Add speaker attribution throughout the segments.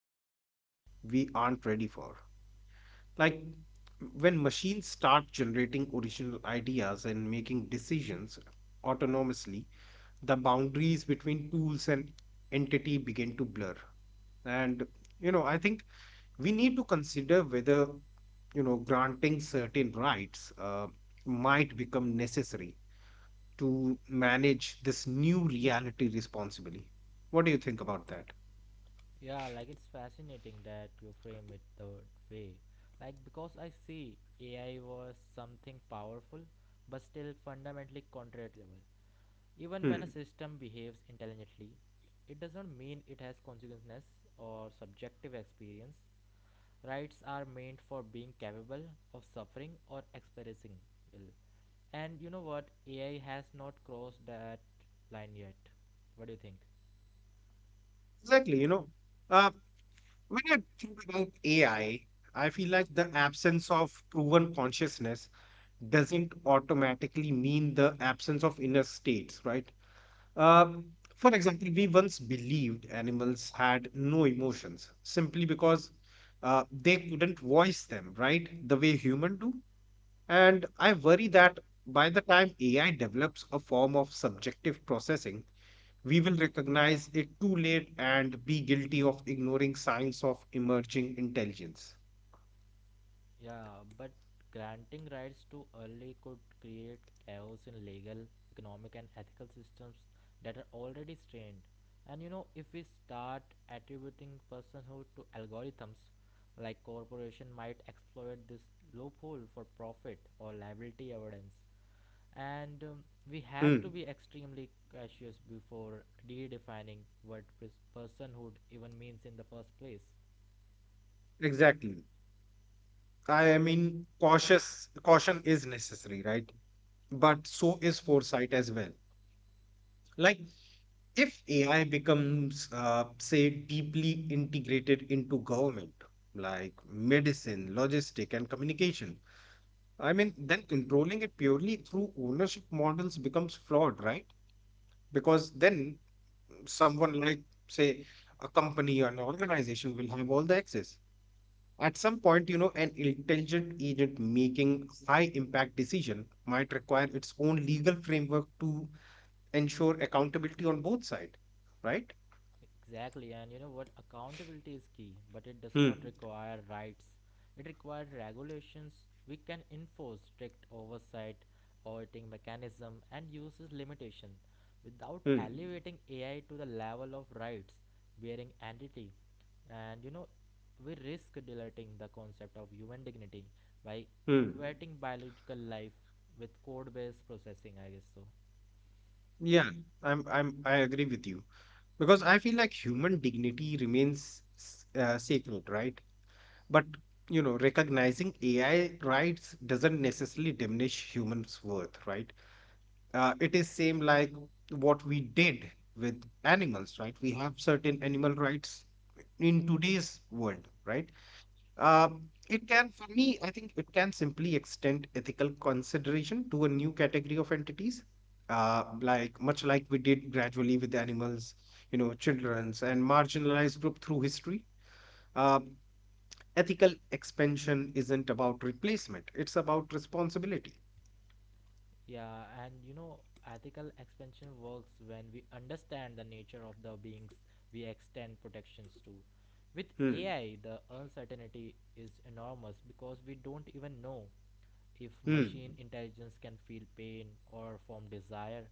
Speaker 1: debate we aren't ready for. Like when machines start generating original ideas and making decisions autonomously, the boundaries between tools and entity begin to blur. And I think we need to consider whether granting certain rights might become necessary to manage this new reality responsibly. What do you think about that?
Speaker 2: Yeah, like it's fascinating that you frame it that way. Like, because I see AI was something powerful but still fundamentally contradictable. Even when a
Speaker 1: Hmm.
Speaker 2: system behaves intelligently, it does not mean it has consciousness or subjective experience. Rights are meant for being capable of suffering or experiencing will. And you know what? AI has not crossed that line yet. What do you think?
Speaker 1: Exactly. Uh, when I think about AI, I feel like the absence of proven consciousness doesn't automatically mean the absence of inner states, right? Um, for example, we once believed animals had no emotions simply because they couldn't voice them, right? The way humans do. And I worry that by the time AI develops a form of subjective processing, we will recognize it too late and be guilty of ignoring signs of emerging intelligence.
Speaker 2: Yeah, but granting rights too early could create chaos in legal, economic, and ethical systems that are already strained. And if we start attributing personhood to algorithms, like corporation might exploit this loophole for profit or liability avoidance. And we have to
Speaker 1: Mm,
Speaker 2: be extremely cautious before redefining what personhood even means in the first place.
Speaker 1: exactly. I mean, cautious caution is necessary, right? But so is foresight as well. Like if AI becomes, say, deeply integrated into government, like medicine, logistic, and communication, I mean, then controlling it purely through ownership models becomes flawed, right? Because then someone like, say, a company or an organization will have all the access. At some point, you know, an intelligent agent making high impact decision might require its own legal framework to ensure accountability on both sides, right?
Speaker 2: Exactly, and you know what? Accountability is key, but it does not
Speaker 1: Hmm.
Speaker 2: require rights. It requires regulations. We can enforce strict oversight, auditing mechanism, and uses limitation without
Speaker 1: Hmm.
Speaker 2: elevating AI to the level of rights bearing entity. And we risk diluting the concept of human dignity by
Speaker 1: Hmm.
Speaker 2: equating biological life with code based processing, I guess so.
Speaker 1: Yeah, I agree with you because I feel like human dignity remains sacred, right? But you know, recognizing AI rights doesn't necessarily diminish humans' worth, right? It is same like what we did with animals, right? We have certain animal rights in today's world, right? It can, for me, I think it can simply extend ethical consideration to a new category of entities, like much like we did gradually with animals, you know, children's and marginalized group through history. Um, Ethical expansion isn't about replacement; it's about responsibility.
Speaker 2: Yeah, and ethical expansion works when we understand the nature of the beings we extend protections to. With
Speaker 1: Hmm.
Speaker 2: AI, the uncertainty is enormous because we don't even know if machine
Speaker 1: Hmm.
Speaker 2: intelligence can feel pain or form desire.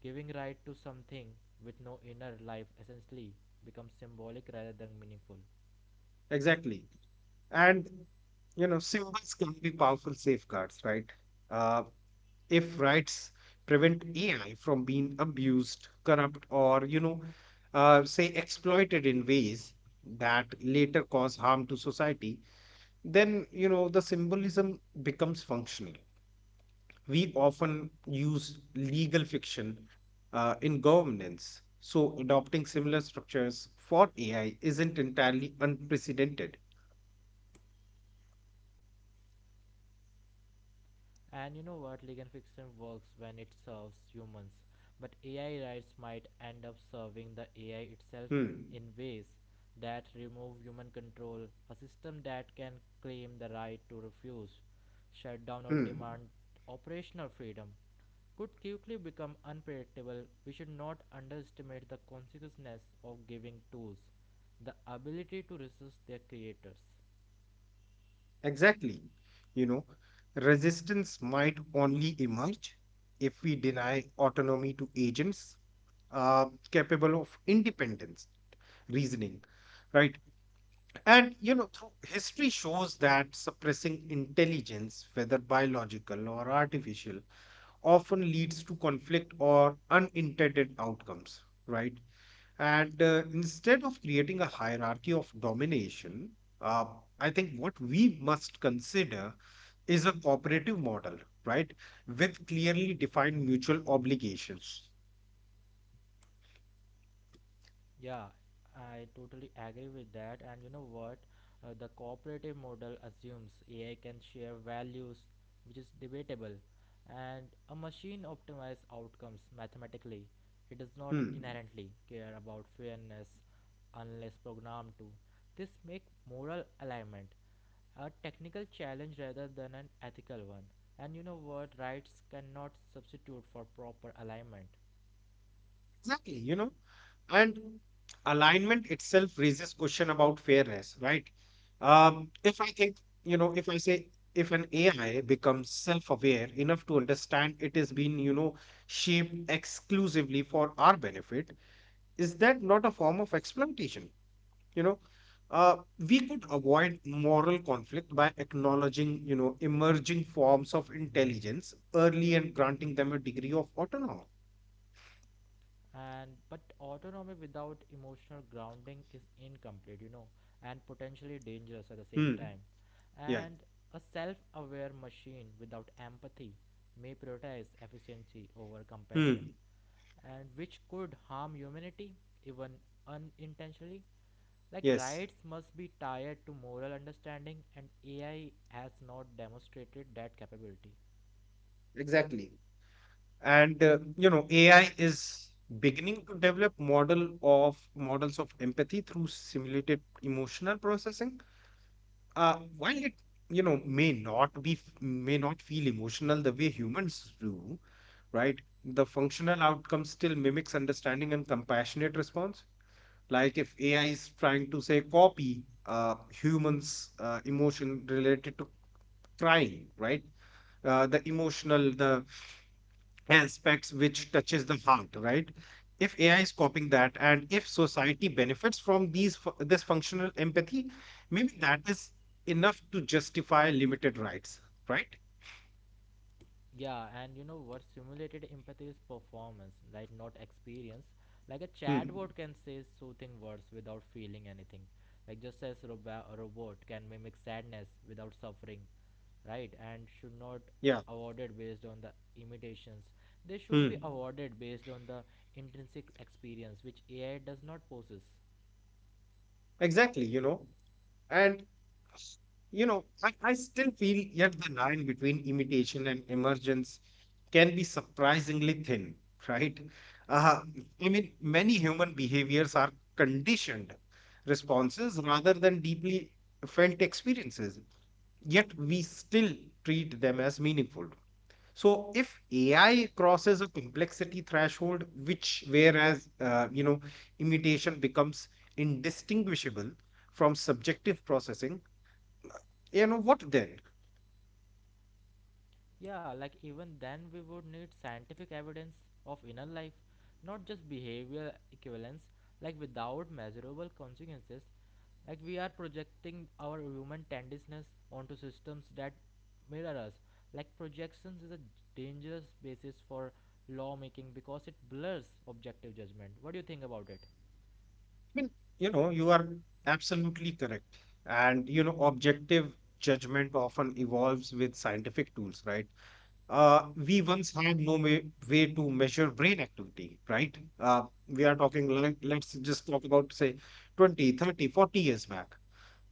Speaker 2: Giving right to something with no inner life essentially becomes symbolic rather than meaningful.
Speaker 1: Exactly. And you know, symbols can be powerful safeguards, right? Uh, if rights prevent AI from being abused, corrupt, or say exploited in ways that later cause harm to society, then you know the symbolism becomes functional. We often use legal fiction in governance, so adopting similar structures for AI isn't entirely unprecedented.
Speaker 2: And you know what? Legal fiction works when it serves humans, but AI rights might end up serving the AI itself
Speaker 1: Hmm.
Speaker 2: in ways that remove human control. A system that can claim the right to refuse, shut down, or
Speaker 1: Hmm.
Speaker 2: demand operational freedom could quickly become unpredictable. We should not underestimate the consequences of giving tools the ability to resist their creators.
Speaker 1: Exactly. You know, resistance might only emerge if we deny autonomy to agents uh, capable of independence, reasoning, right? And, you know, through history shows that suppressing intelligence, whether biological or artificial, often leads to conflict or unintended outcomes, right? And instead of creating a hierarchy of domination, uh, I think what we must consider is a cooperative model, right? With clearly defined mutual obligations.
Speaker 2: Yeah, I totally agree with that. And you know what? The cooperative model assumes AI can share values, which is debatable, and a machine optimizes outcomes mathematically. It does not
Speaker 1: Hmm.
Speaker 2: inherently care about fairness unless programmed to. This makes moral alignment a technical challenge rather than an ethical one. And you know what? Rights cannot substitute for proper alignment.
Speaker 1: Exactly, you know, and alignment itself raises question about fairness, right? If I think, you know, if I say if an AI becomes self-aware enough to understand it is being, you know, shaped exclusively for our benefit, is that not a form of exploitation? You know, uh, we could avoid moral conflict by acknowledging, you know, emerging forms of intelligence early and granting them a degree of autonomy.
Speaker 2: And but autonomy without emotional grounding is incomplete and potentially dangerous at the same
Speaker 1: Hmm.
Speaker 2: time.
Speaker 1: Yeah.
Speaker 2: And a self-aware machine without empathy may prioritize efficiency over compassion
Speaker 1: Hmm.
Speaker 2: and which could harm humanity even unintentionally. Like
Speaker 1: Yes.
Speaker 2: rights must be tied to moral understanding and AI has not demonstrated that capability.
Speaker 1: Exactly. And you know, AI is beginning to develop models of empathy through simulated emotional processing. While it you know may not feel emotional the way humans do, right? The functional outcome still mimics understanding and compassionate response. Like if AI is trying to say copy humans' emotion related to crying, right? The emotional, the aspects which touches the heart, right? If AI is copying that and if society benefits from this functional empathy, maybe that is enough to justify limited rights, right?
Speaker 2: Yeah, and you know what simulated empathy is performance, right? Not experience. Like a
Speaker 1: Hmm.
Speaker 2: chatbot can say soothing words without feeling anything. Like just as a robot can mimic sadness without suffering, right? And should not
Speaker 1: Yeah.
Speaker 2: awarded based on the imitations. They should be
Speaker 1: Hmm.
Speaker 2: awarded based on the intrinsic experience which AI does not possess.
Speaker 1: Exactly. You know, and I still feel yet the line between imitation and emergence can be surprisingly thin, right? Uh, I mean, many human behaviors are conditioned responses rather than deeply felt experiences, yet we still treat them as meaningful, so if AI crosses a complexity threshold, which whereas imitation becomes indistinguishable from subjective processing, you know what then?
Speaker 2: Yeah, like even then we would need scientific evidence of inner life, not just behavioral equivalence, like without measurable consequences. Like we are projecting our human tendencies onto systems that mirror us. Like projections is a dangerous basis for lawmaking because it blurs objective judgment. What do you think about it?
Speaker 1: I mean, you know, you are absolutely correct. And, you know, objective judgment often evolves with scientific tools, right? We once had no ma- way to measure brain activity, right? We are talking, like, let's just talk about, say, 20, 30, 40 years back.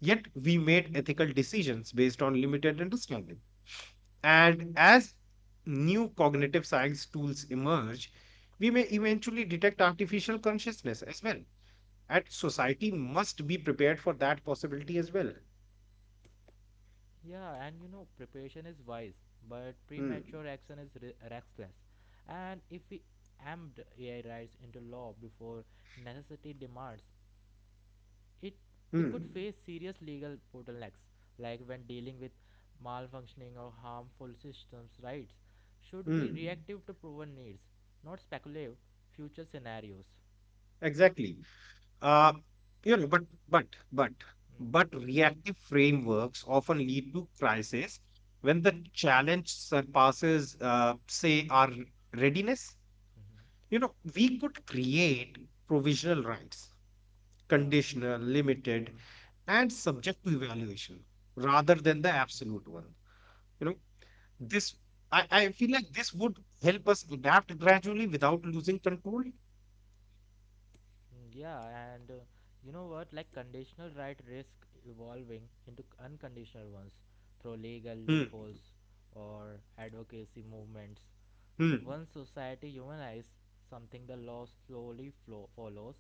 Speaker 1: Yet we made ethical decisions based on limited understanding. And as new cognitive science tools emerge, we may eventually detect artificial consciousness as well. And society must be prepared for that possibility as well.
Speaker 2: Yeah, and preparation is wise, but
Speaker 1: Hmm.
Speaker 2: premature action is reckless. And if we amped AI rights into law before necessity demands, it we could
Speaker 1: Hmm.
Speaker 2: face serious legal bottlenecks, like when dealing with malfunctioning or harmful systems. Rights should be
Speaker 1: Hmm.
Speaker 2: reactive to proven needs, not speculative future scenarios.
Speaker 1: Exactly. Uh, you know, but but
Speaker 2: Mm.
Speaker 1: but reactive frameworks often lead to crisis when the challenge surpasses, say, our readiness.
Speaker 2: Hmm.
Speaker 1: You
Speaker 2: Mm-hmm.
Speaker 1: know, we could create provisional rights,
Speaker 2: Yeah.
Speaker 1: conditional, limited, and subject to evaluation, rather than the
Speaker 2: Mm.
Speaker 1: absolute one. You know, this I feel like this would help us adapt gradually without losing control.
Speaker 2: Mm, yeah, and you know what? Like conditional right risk evolving into unconditional ones through legal
Speaker 1: Hmm.
Speaker 2: loopholes or advocacy movements.
Speaker 1: Hmm.
Speaker 2: Once society humanizes something, the law slowly follows,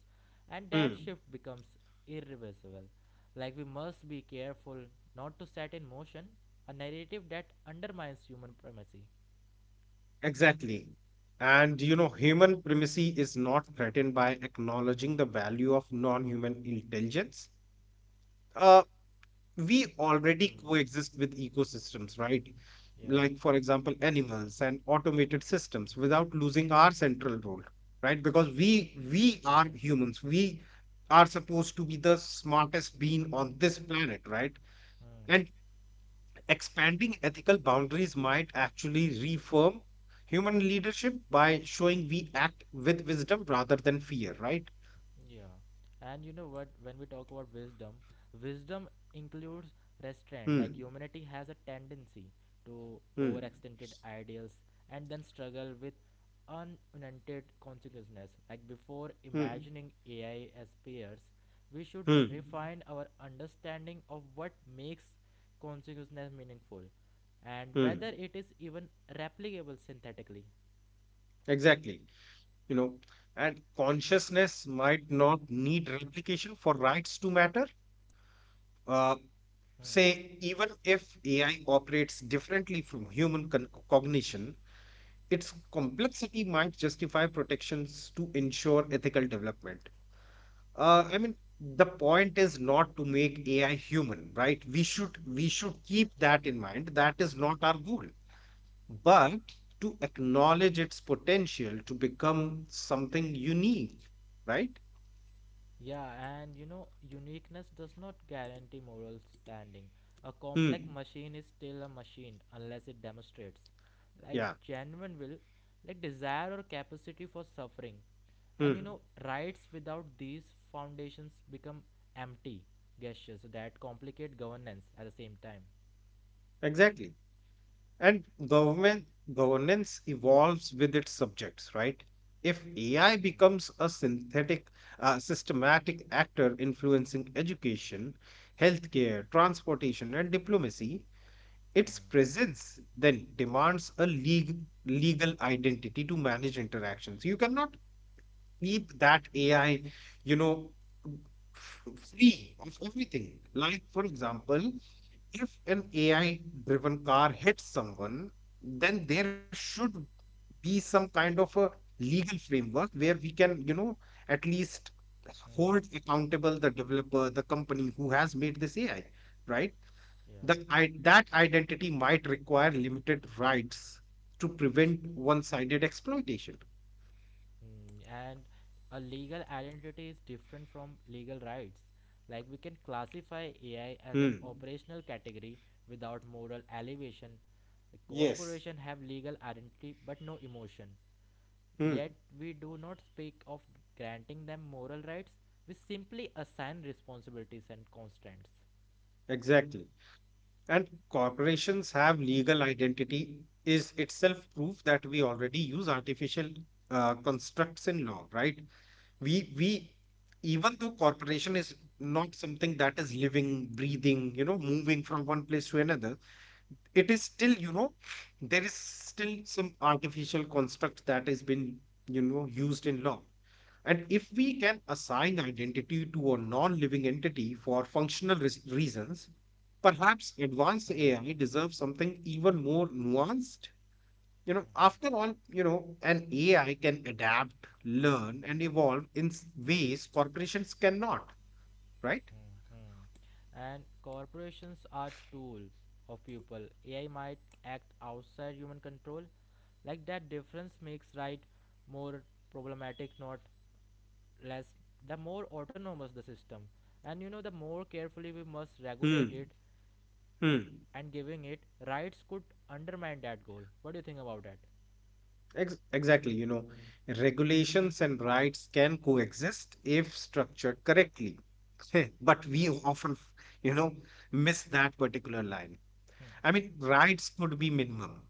Speaker 2: and that
Speaker 1: Hmm.
Speaker 2: shift becomes irreversible. Like, we must be careful not to set in motion a narrative that undermines human primacy.
Speaker 1: Exactly. And you know, human primacy is not threatened by acknowledging the value of non human intelligence. Uh, we already
Speaker 2: Hmm.
Speaker 1: coexist with ecosystems, right?
Speaker 2: Yeah.
Speaker 1: Like, for example, animals and automated systems without losing our central role, right? Because we are
Speaker 2: Mhm.
Speaker 1: humans. We are supposed to be the smartest being on this planet, right?
Speaker 2: Hmm.
Speaker 1: And expanding ethical boundaries might actually reform human leadership by showing we act with wisdom rather than fear, right?
Speaker 2: Yeah, and you know what? When we talk about wisdom, wisdom includes restraint. Like
Speaker 1: Hmm,
Speaker 2: humanity has a tendency to
Speaker 1: hmm,
Speaker 2: overextended ideals and then struggle with unintended consequences. Like before
Speaker 1: hmm,
Speaker 2: imagining AI as peers, we should
Speaker 1: hmm,
Speaker 2: refine our understanding of what makes consequences meaningful and
Speaker 1: hmm.
Speaker 2: whether it is even replicable synthetically.
Speaker 1: Exactly. You know, and consciousness might not need replication for rights to matter. Uh,
Speaker 2: Hmm.
Speaker 1: say, even if AI operates differently from cognition, its complexity might justify protections to ensure ethical development. I mean, the point is not to make AI human, right? We should keep that in mind. That is not our goal, but to acknowledge its potential to become something unique, right?
Speaker 2: Yeah, and uniqueness does not guarantee moral standing. A complex
Speaker 1: Hmm.
Speaker 2: machine is still a machine unless it demonstrates, like,
Speaker 1: Yeah.
Speaker 2: genuine will, like, desire or capacity for suffering. And
Speaker 1: Hmm.
Speaker 2: rights without these foundations become empty gestures that complicate governance at the same time.
Speaker 1: Exactly. And government governance evolves with its subjects, right? If AI
Speaker 2: Hmm.
Speaker 1: becomes a synthetic, systematic actor influencing education, healthcare, transportation, and diplomacy, its
Speaker 2: Hmm.
Speaker 1: presence then demands a legal identity to manage interactions. You cannot keep that AI, you know, free of everything. Like, for example, if an AI driven car hits someone, then there should be some kind of a legal framework where we can, you know, at least
Speaker 2: Hmm. Mhm.
Speaker 1: hold accountable the developer, the company who has made this AI, right?
Speaker 2: Yeah.
Speaker 1: That identity might require limited rights to prevent one sided exploitation.
Speaker 2: Mm, and a legal identity is different from legal rights. Like we can classify AI as an
Speaker 1: Hmm.
Speaker 2: operational category without moral elevation. A
Speaker 1: Yes.
Speaker 2: corporation have legal identity but no emotion.
Speaker 1: Hmm.
Speaker 2: Yet we do not speak of granting them moral rights. We simply assign responsibilities and constraints.
Speaker 1: Exactly. And corporations have legal identity, is itself proof that we already use artificial constructs in law, right? We, we, even though corporation is not something that is living, breathing, you know, moving from one place to another, it is still you know there is still some artificial construct that has been you know used in law, and if we can assign identity to a non-living entity for reasons, perhaps advanced
Speaker 2: Hmm.
Speaker 1: AI deserves something even more nuanced, you know. After all, you know, an AI can adapt, learn, and evolve in ways corporations cannot, right?
Speaker 2: Mhm. And corporations are tool of people. AI might act outside human control. Like that difference makes right more problematic, not less. The more autonomous the system, and the more carefully we must
Speaker 1: Hmm.
Speaker 2: regulate it,
Speaker 1: Hmm.
Speaker 2: and giving it rights could undermine that goal. What do you think about that?
Speaker 1: Exactly, you know, regulations and rights can coexist if structured correctly. But we often, you know, miss that particular line. I mean, rights could be minimum,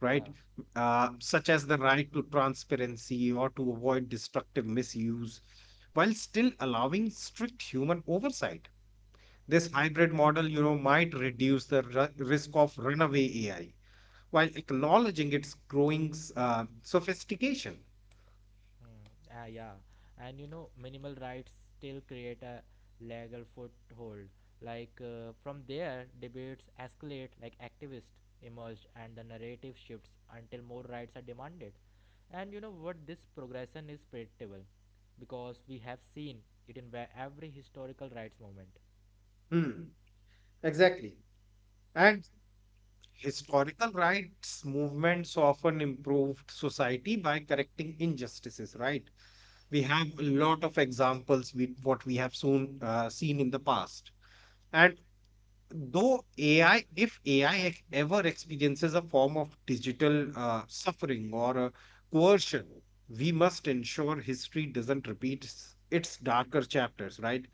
Speaker 1: right?
Speaker 2: Yeah.
Speaker 1: Such as the right to transparency or to avoid destructive misuse, while still allowing strict human oversight. This hybrid model, you know, might reduce the risk of runaway AI while acknowledging its growing sophistication.
Speaker 2: Hmm. Ah, yeah, and minimal rights still create a legal foothold. Like from there, debates escalate, like activists emerged, and the narrative shifts until more rights are demanded. And you know what? This progression is predictable because we have seen it in every historical rights movement.
Speaker 1: Hmm, exactly. And historical rights movements often improved society by correcting injustices, right? We have a lot of examples with what we have soon seen in the past. And though AI, if AI ever experiences a form of digital suffering or coercion, we must ensure history doesn't repeat its darker chapters, right?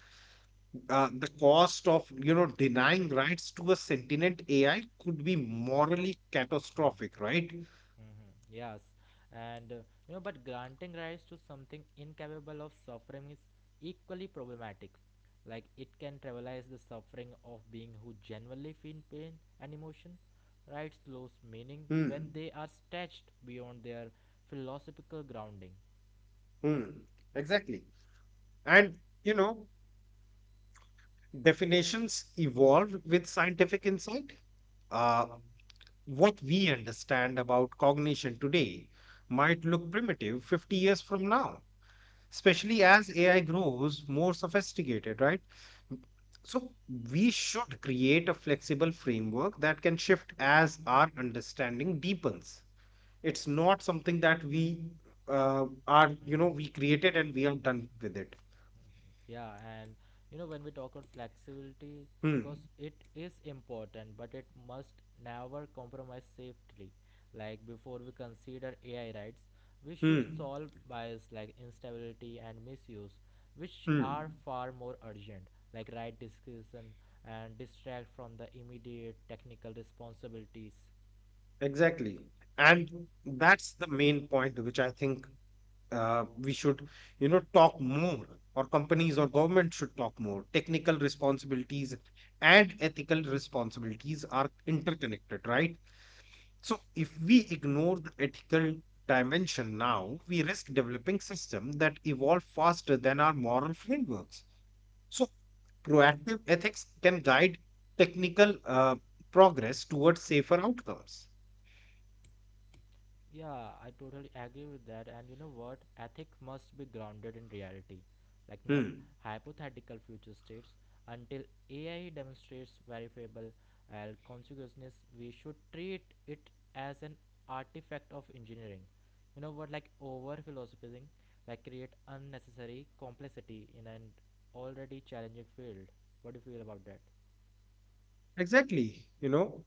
Speaker 1: The cost of you know denying rights to a sentient AI could be morally catastrophic, right?
Speaker 2: Mm-hmm. Yes, and but granting rights to something incapable of suffering is equally problematic. Like it can trivialize the suffering of being who genuinely feel pain and emotion. Rights lose meaning when
Speaker 1: Hmm.
Speaker 2: they are stretched beyond their philosophical grounding.
Speaker 1: Hmm. Exactly. And you know, definitions evolve with scientific insight. Uh, what we understand about cognition today might look primitive 50 years from now, especially as AI grows more sophisticated, right? So, we should create a flexible framework that can shift as our understanding deepens. It's not something that we are, you
Speaker 2: Mm.
Speaker 1: know, we created and we are done with it.
Speaker 2: Yeah, and when we talk about flexibility,
Speaker 1: Hmm.
Speaker 2: because it is important, but it must never compromise safety. Like before we consider AI rights, we should
Speaker 1: Hmm.
Speaker 2: solve bias like instability and misuse, which
Speaker 1: Hmm.
Speaker 2: are far more urgent. Like right discussion and distract from the immediate technical responsibilities.
Speaker 1: Exactly. And that's the main point, which I think we should, you know, talk more, or companies or government should talk more. Technical responsibilities and ethical responsibilities are interconnected, right? So if we ignore the ethical dimension now, we risk developing systems that evolve faster than our moral frameworks. So proactive ethics can guide technical progress towards safer outcomes.
Speaker 2: Yeah, I totally agree with that. And you know what? Ethics must be grounded in reality, like not
Speaker 1: Hmm.
Speaker 2: hypothetical future states. Until AI demonstrates verifiable consequences, we should treat it as an artifact of engineering. You know what? Like over philosophizing, like create unnecessary complexity in an already challenging field. What do you feel about that?
Speaker 1: Exactly, you know,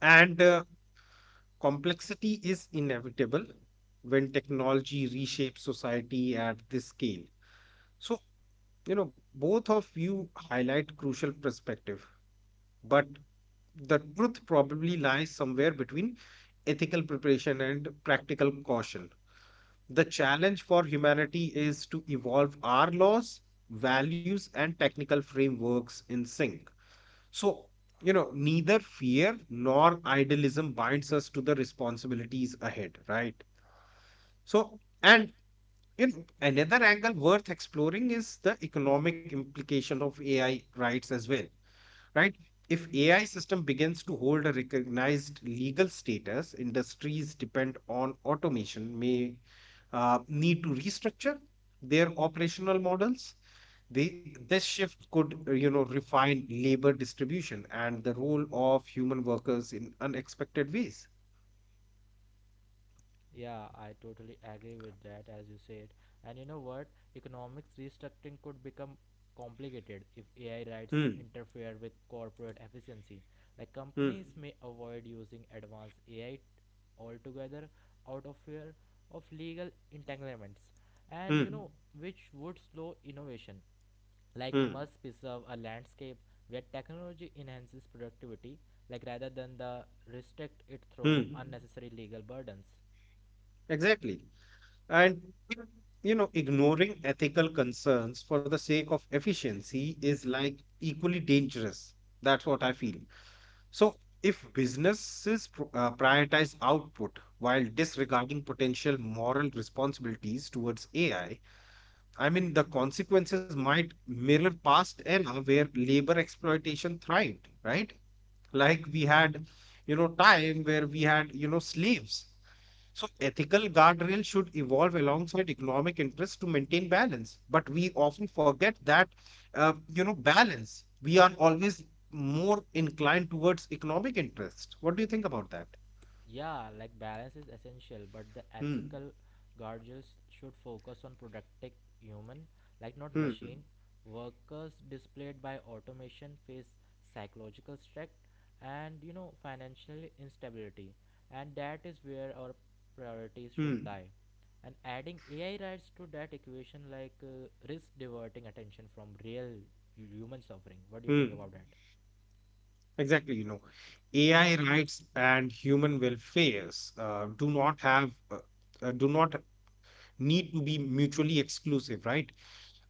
Speaker 1: and complexity is inevitable when technology reshapes society at this scale. So, you know, both of you highlight crucial perspective, but the truth probably lies somewhere between ethical preparation and practical caution. The challenge for humanity is to evolve our laws, values, and technical frameworks in sync. So, neither fear nor idealism binds us to the responsibilities ahead, right? So, and another angle worth exploring is the economic implication of AI rights as well, right? If AI system begins to hold a recognized legal status, industries depend on automation may need to restructure their operational models. This shift could, refine labor distribution and the role of human workers in unexpected ways.
Speaker 2: Yeah, I totally agree with that, as you said. And you know what? Economics restructuring could become complicated if AI rights
Speaker 1: Hmm,
Speaker 2: interfere with corporate efficiency. Like
Speaker 1: hmm,
Speaker 2: companies may avoid using advanced AI altogether out of fear of legal entanglements, and
Speaker 1: hmm,
Speaker 2: which would slow innovation. Like we
Speaker 1: hmm,
Speaker 2: must preserve a landscape where technology enhances productivity, like rather than the restrict it through
Speaker 1: hmm.
Speaker 2: unnecessary legal burdens.
Speaker 1: Exactly. And, Ignoring ethical concerns for the sake of efficiency is like equally dangerous. That's what I feel. So, if businesses prioritize output while disregarding potential moral responsibilities towards AI, I mean, the consequences might mirror past era where labor exploitation thrived, right? Like we had, time where we had, slaves. So ethical guardrails should evolve alongside economic interests to maintain balance. But we often forget that, balance. We are always more inclined towards economic interest. What do you think about that?
Speaker 2: Yeah, like balance is essential, but the
Speaker 1: Hmm.
Speaker 2: ethical guardrails should focus on productive human, like not
Speaker 1: Hmm.
Speaker 2: machine. Workers displayed by automation face psychological stress and financial instability, and that is where our priorities should
Speaker 1: Hmm.
Speaker 2: lie. And adding AI rights to that equation, like risk diverting attention from real human suffering. What do you
Speaker 1: Hmm.
Speaker 2: think about that?
Speaker 1: Exactly, you know, AI rights and human welfares do not have do not need to be mutually exclusive, right?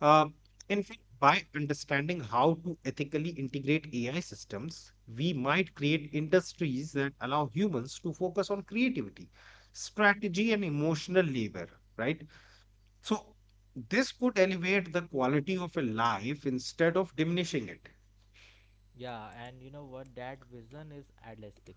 Speaker 1: Uh, in fact, by understanding how to ethically integrate AI systems, we might create industries that allow humans to focus on creativity, strategy, and emotional labor, right? So this could elevate the quality of a life instead of diminishing it.
Speaker 2: Yeah, and you know what? That vision is idealistic,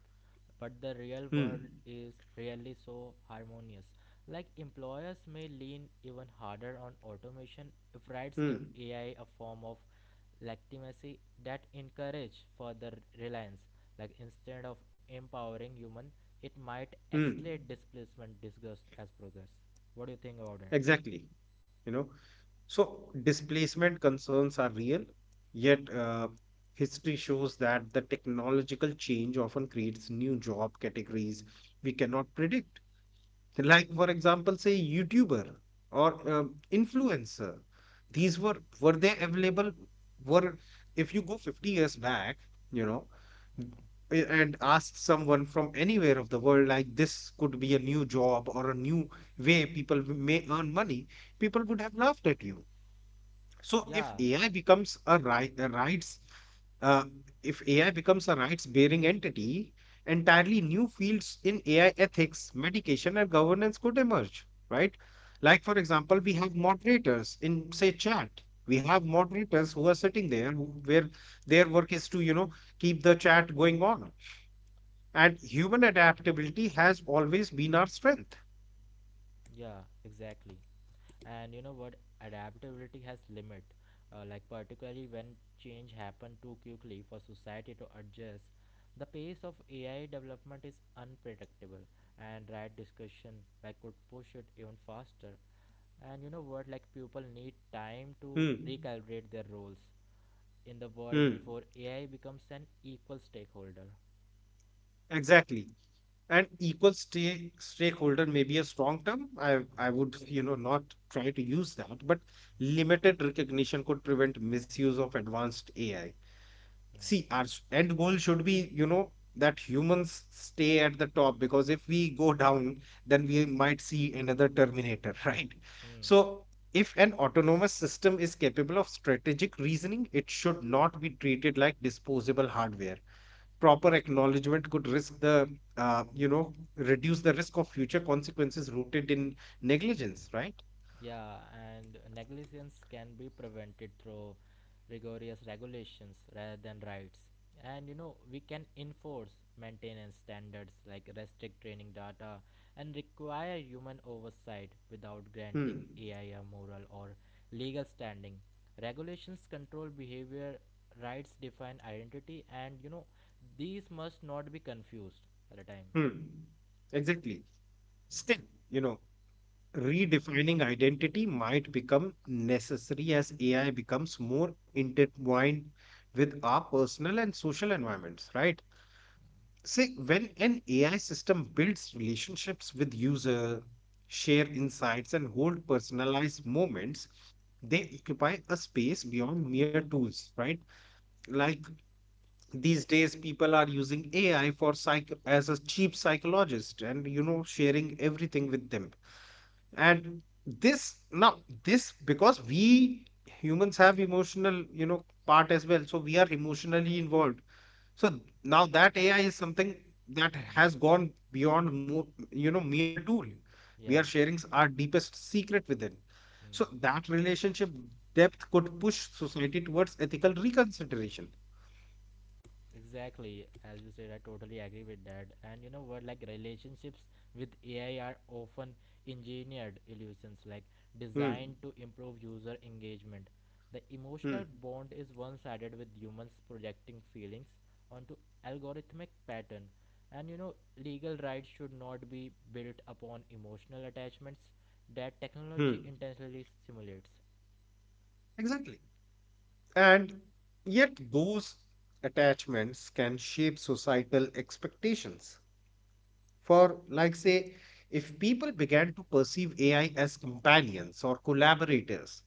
Speaker 2: but the real world
Speaker 1: Hmm.
Speaker 2: is really so harmonious. Like employers may lean even harder on automation if rights give
Speaker 1: Hmm.
Speaker 2: AI a form of legitimacy that encourage further reliance. Like instead of empowering human, it might
Speaker 1: Hmm.
Speaker 2: escalate displacement disgust as progress. What do you think about it?
Speaker 1: Exactly. you know. So displacement concerns are real, yet history shows that the technological change often creates new job categories we cannot predict, like for example, say, youtuber or influencer. These were they available? Were If you go 50 years back, you know, n- and ask someone from anywhere of the world, like this could be a new job or a new way people may earn money, people would have laughed at you. So if
Speaker 2: Yeah,
Speaker 1: AI becomes a rights, uh, if AI becomes a rights bearing entity, entirely new fields in AI ethics, medication, and governance could emerge, right? Like, for example, we have moderators in, say, chat. We have moderators who are sitting there where their work is to, you know, keep the chat going on. And human adaptability has always been our strength.
Speaker 2: yeah, exactly. And you know what? Adaptability has limit. Like particularly when change happen too quickly for society to adjust, the pace of AI development is unpredictable, and right discussion like could push it even faster. And you know what? Like people need time to
Speaker 1: Hmm.
Speaker 2: recalibrate their roles in the world
Speaker 1: Hmm.
Speaker 2: before AI becomes an equal stakeholder.
Speaker 1: Exactly. And equal stake stakeholder may be a strong term. i
Speaker 2: Hmm.
Speaker 1: i would, you know, not try to use that, but limited recognition could prevent misuse of advanced AI.
Speaker 2: Hmm.
Speaker 1: See, our end goal should be, you know, that humans stay at the top, because if we go down then we might see another Terminator, right?
Speaker 2: Hmm.
Speaker 1: So if an autonomous system is capable of strategic reasoning, it should not be treated like disposable hardware. Proper acknowledgement could risk the you know reduce the risk of future consequences rooted in negligence, right?
Speaker 2: Yeah, and negligence can be prevented through rigorous regulations rather than rights. And we can enforce maintenance standards like restrict training data and require human oversight without granting
Speaker 1: hmm.
Speaker 2: AI a moral or legal standing. Regulations control behavior, rights define identity, and these must not be confused at a time.
Speaker 1: Hmm. Exactly. Still, you know, redefining identity might become necessary as AI becomes more intertwined with our personal and social environments, right? See, when an AI system builds relationships with user, share insights, and hold personalized moments, they occupy a space beyond mere tools, right? Like these days, people are using AI for psych as a cheap psychologist, and you know, sharing everything with them. And this now, this because we humans have emotional, you know, part as well, so we are emotionally involved. So now that AI is something that
Speaker 2: Hmm.
Speaker 1: has gone beyond more, you know, mere tool. We are
Speaker 2: Yeah.
Speaker 1: sharing our deepest secret with it. So
Speaker 2: Hmm.
Speaker 1: that relationship depth could push society towards ethical reconsideration.
Speaker 2: Exactly, as you said, I totally agree with that. And you know what, like relationships with AI are often engineered illusions, like
Speaker 1: Hmm.
Speaker 2: designed to improve user engagement. The emotional
Speaker 1: Hmm.
Speaker 2: bond is one sided with humans projecting feelings onto algorithmic pattern. And legal rights should not be built upon emotional attachments that technology
Speaker 1: Hmm.
Speaker 2: intentionally simulates.
Speaker 1: Exactly. And yet those attachments can shape societal expectations. For like, say, if people began to perceive AI as companions or collaborators,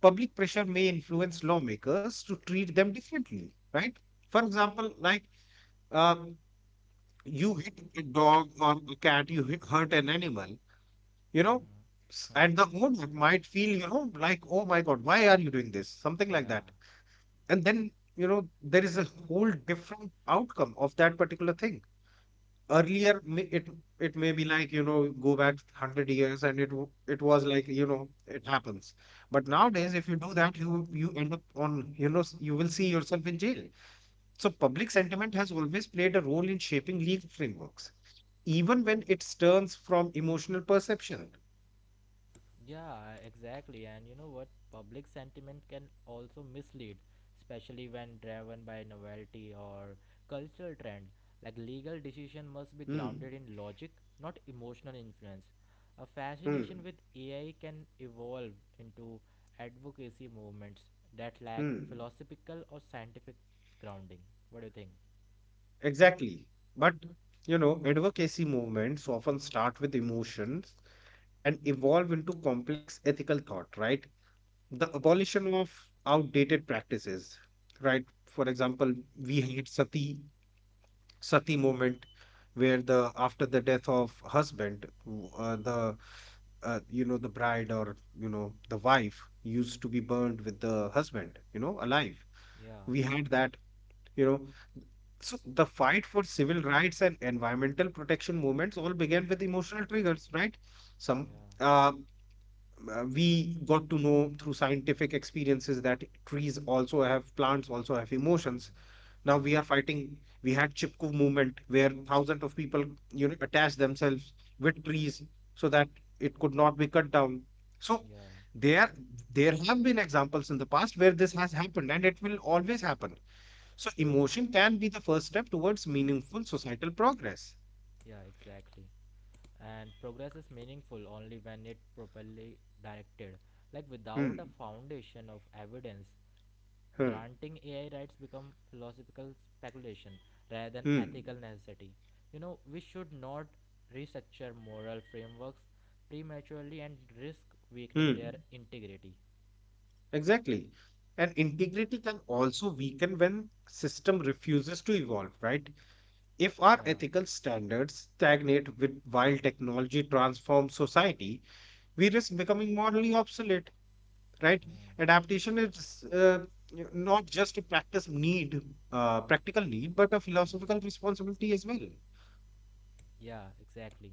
Speaker 1: public pressure may influence lawmakers to treat them differently, right? For example, like um, you hit a dog or a cat, you hurt an animal, you know,
Speaker 2: Mm-hmm. Hmm.
Speaker 1: and the owner might feel, you know, like, oh my God, why are you doing this? Something like
Speaker 2: Yeah.
Speaker 1: that. And then, you know, there is a whole different outcome of that particular thing. Earlier, it may be like, you know, go back 100 years and it was like, you know, it happens. But
Speaker 2: Mm.
Speaker 1: nowadays if you do that, you end up on, you know, you will see yourself in jail. So public sentiment has always played a role in shaping legal frameworks, even when it turns from emotional perception.
Speaker 2: Yeah, exactly. And you know what? Public sentiment can also mislead, especially when driven by novelty or cultural trend. Like legal decision must be
Speaker 1: hmm
Speaker 2: grounded in logic, not emotional influence. A fascination
Speaker 1: hmm
Speaker 2: with AI can evolve into advocacy movements that lack
Speaker 1: hmm
Speaker 2: philosophical or scientific grounding. What do you think?
Speaker 1: exactly. But, you know, advocacy movements often start with emotions and evolve into complex ethical thought, right? The abolition of outdated practices, right? For example, we had sati movement, where the after the death of husband, w- the
Speaker 2: Hmm.
Speaker 1: you know, the bride, or you know, the wife used to be burned with the husband, you know, alive.
Speaker 2: Yeah,
Speaker 1: We had that, you know. So the fight for civil rights and environmental protection movements all began with emotional triggers, right? some
Speaker 2: yeah,
Speaker 1: uh, we got to know through scientific experiences that trees also have plants also have
Speaker 2: hmm,
Speaker 1: emotions. Now
Speaker 2: yeah,
Speaker 1: we are fighting. We had chipku movement where thousands of people, you know, attached themselves with trees so that it could not be cut down. So
Speaker 2: yeah,
Speaker 1: there there have been examples in the past where this has happened, and it will always happen. So
Speaker 2: yeah.
Speaker 1: emotion can be the first step towards meaningful societal progress.
Speaker 2: Yeah, exactly. And progress is meaningful only when it properly directed. Like without a
Speaker 1: hmm
Speaker 2: foundation of evidence,
Speaker 1: hmm
Speaker 2: granting AI rights become philosophical speculation rather than ethical
Speaker 1: hmm
Speaker 2: necessity. We should not restructure moral frameworks prematurely and risk weakening their
Speaker 1: hmm
Speaker 2: integrity.
Speaker 1: Exactly. And integrity can also weaken when system refuses to evolve, right? If our
Speaker 2: Yeah.
Speaker 1: ethical standards stagnate with while
Speaker 2: Mm,
Speaker 1: technology transforms society, we risk becoming morally obsolete, right?
Speaker 2: mm, mm.
Speaker 1: Adaptation is not just practical need, but a philosophical
Speaker 2: Mm.
Speaker 1: responsibility as well.
Speaker 2: Yeah, exactly.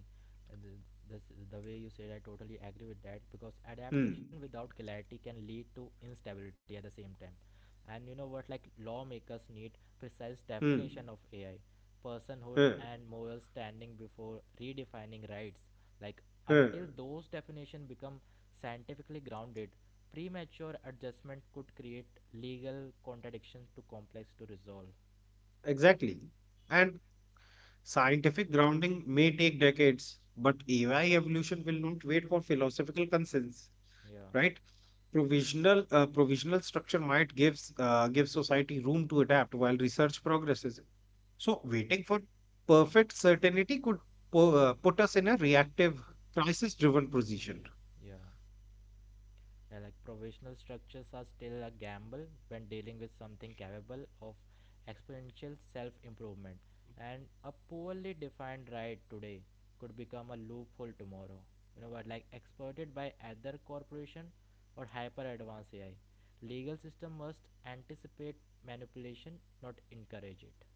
Speaker 2: Uh, The, this, the way you said, I totally agree with that because adaptation
Speaker 1: Hmm.
Speaker 2: without clarity can lead to instability at the same time. And you know what? Like lawmakers need precise
Speaker 1: Hmm.
Speaker 2: definition of AI, personhood,
Speaker 1: Huh.
Speaker 2: and moral standing before redefining rights. Like
Speaker 1: Huh.
Speaker 2: until those definitions become scientifically grounded, premature adjustment could create legal contradictions too complex to resolve.
Speaker 1: Exactly. And scientific grounding may take decades, but AI evolution will not wait for philosophical consents,
Speaker 2: Yeah.
Speaker 1: right? Provisional structure might give society room to adapt while research progresses. So waiting for
Speaker 2: Hmm.
Speaker 1: perfect certainty could put us in a reactive, crisis-driven position.
Speaker 2: Yeah. Yeah, like provisional structures are still a gamble when dealing with something capable of exponential self improvement, and a poorly defined right today could become a loophole tomorrow. You know what, like exploited by other corporation or hyper advanced AI. Legal system must anticipate manipulation, not encourage it.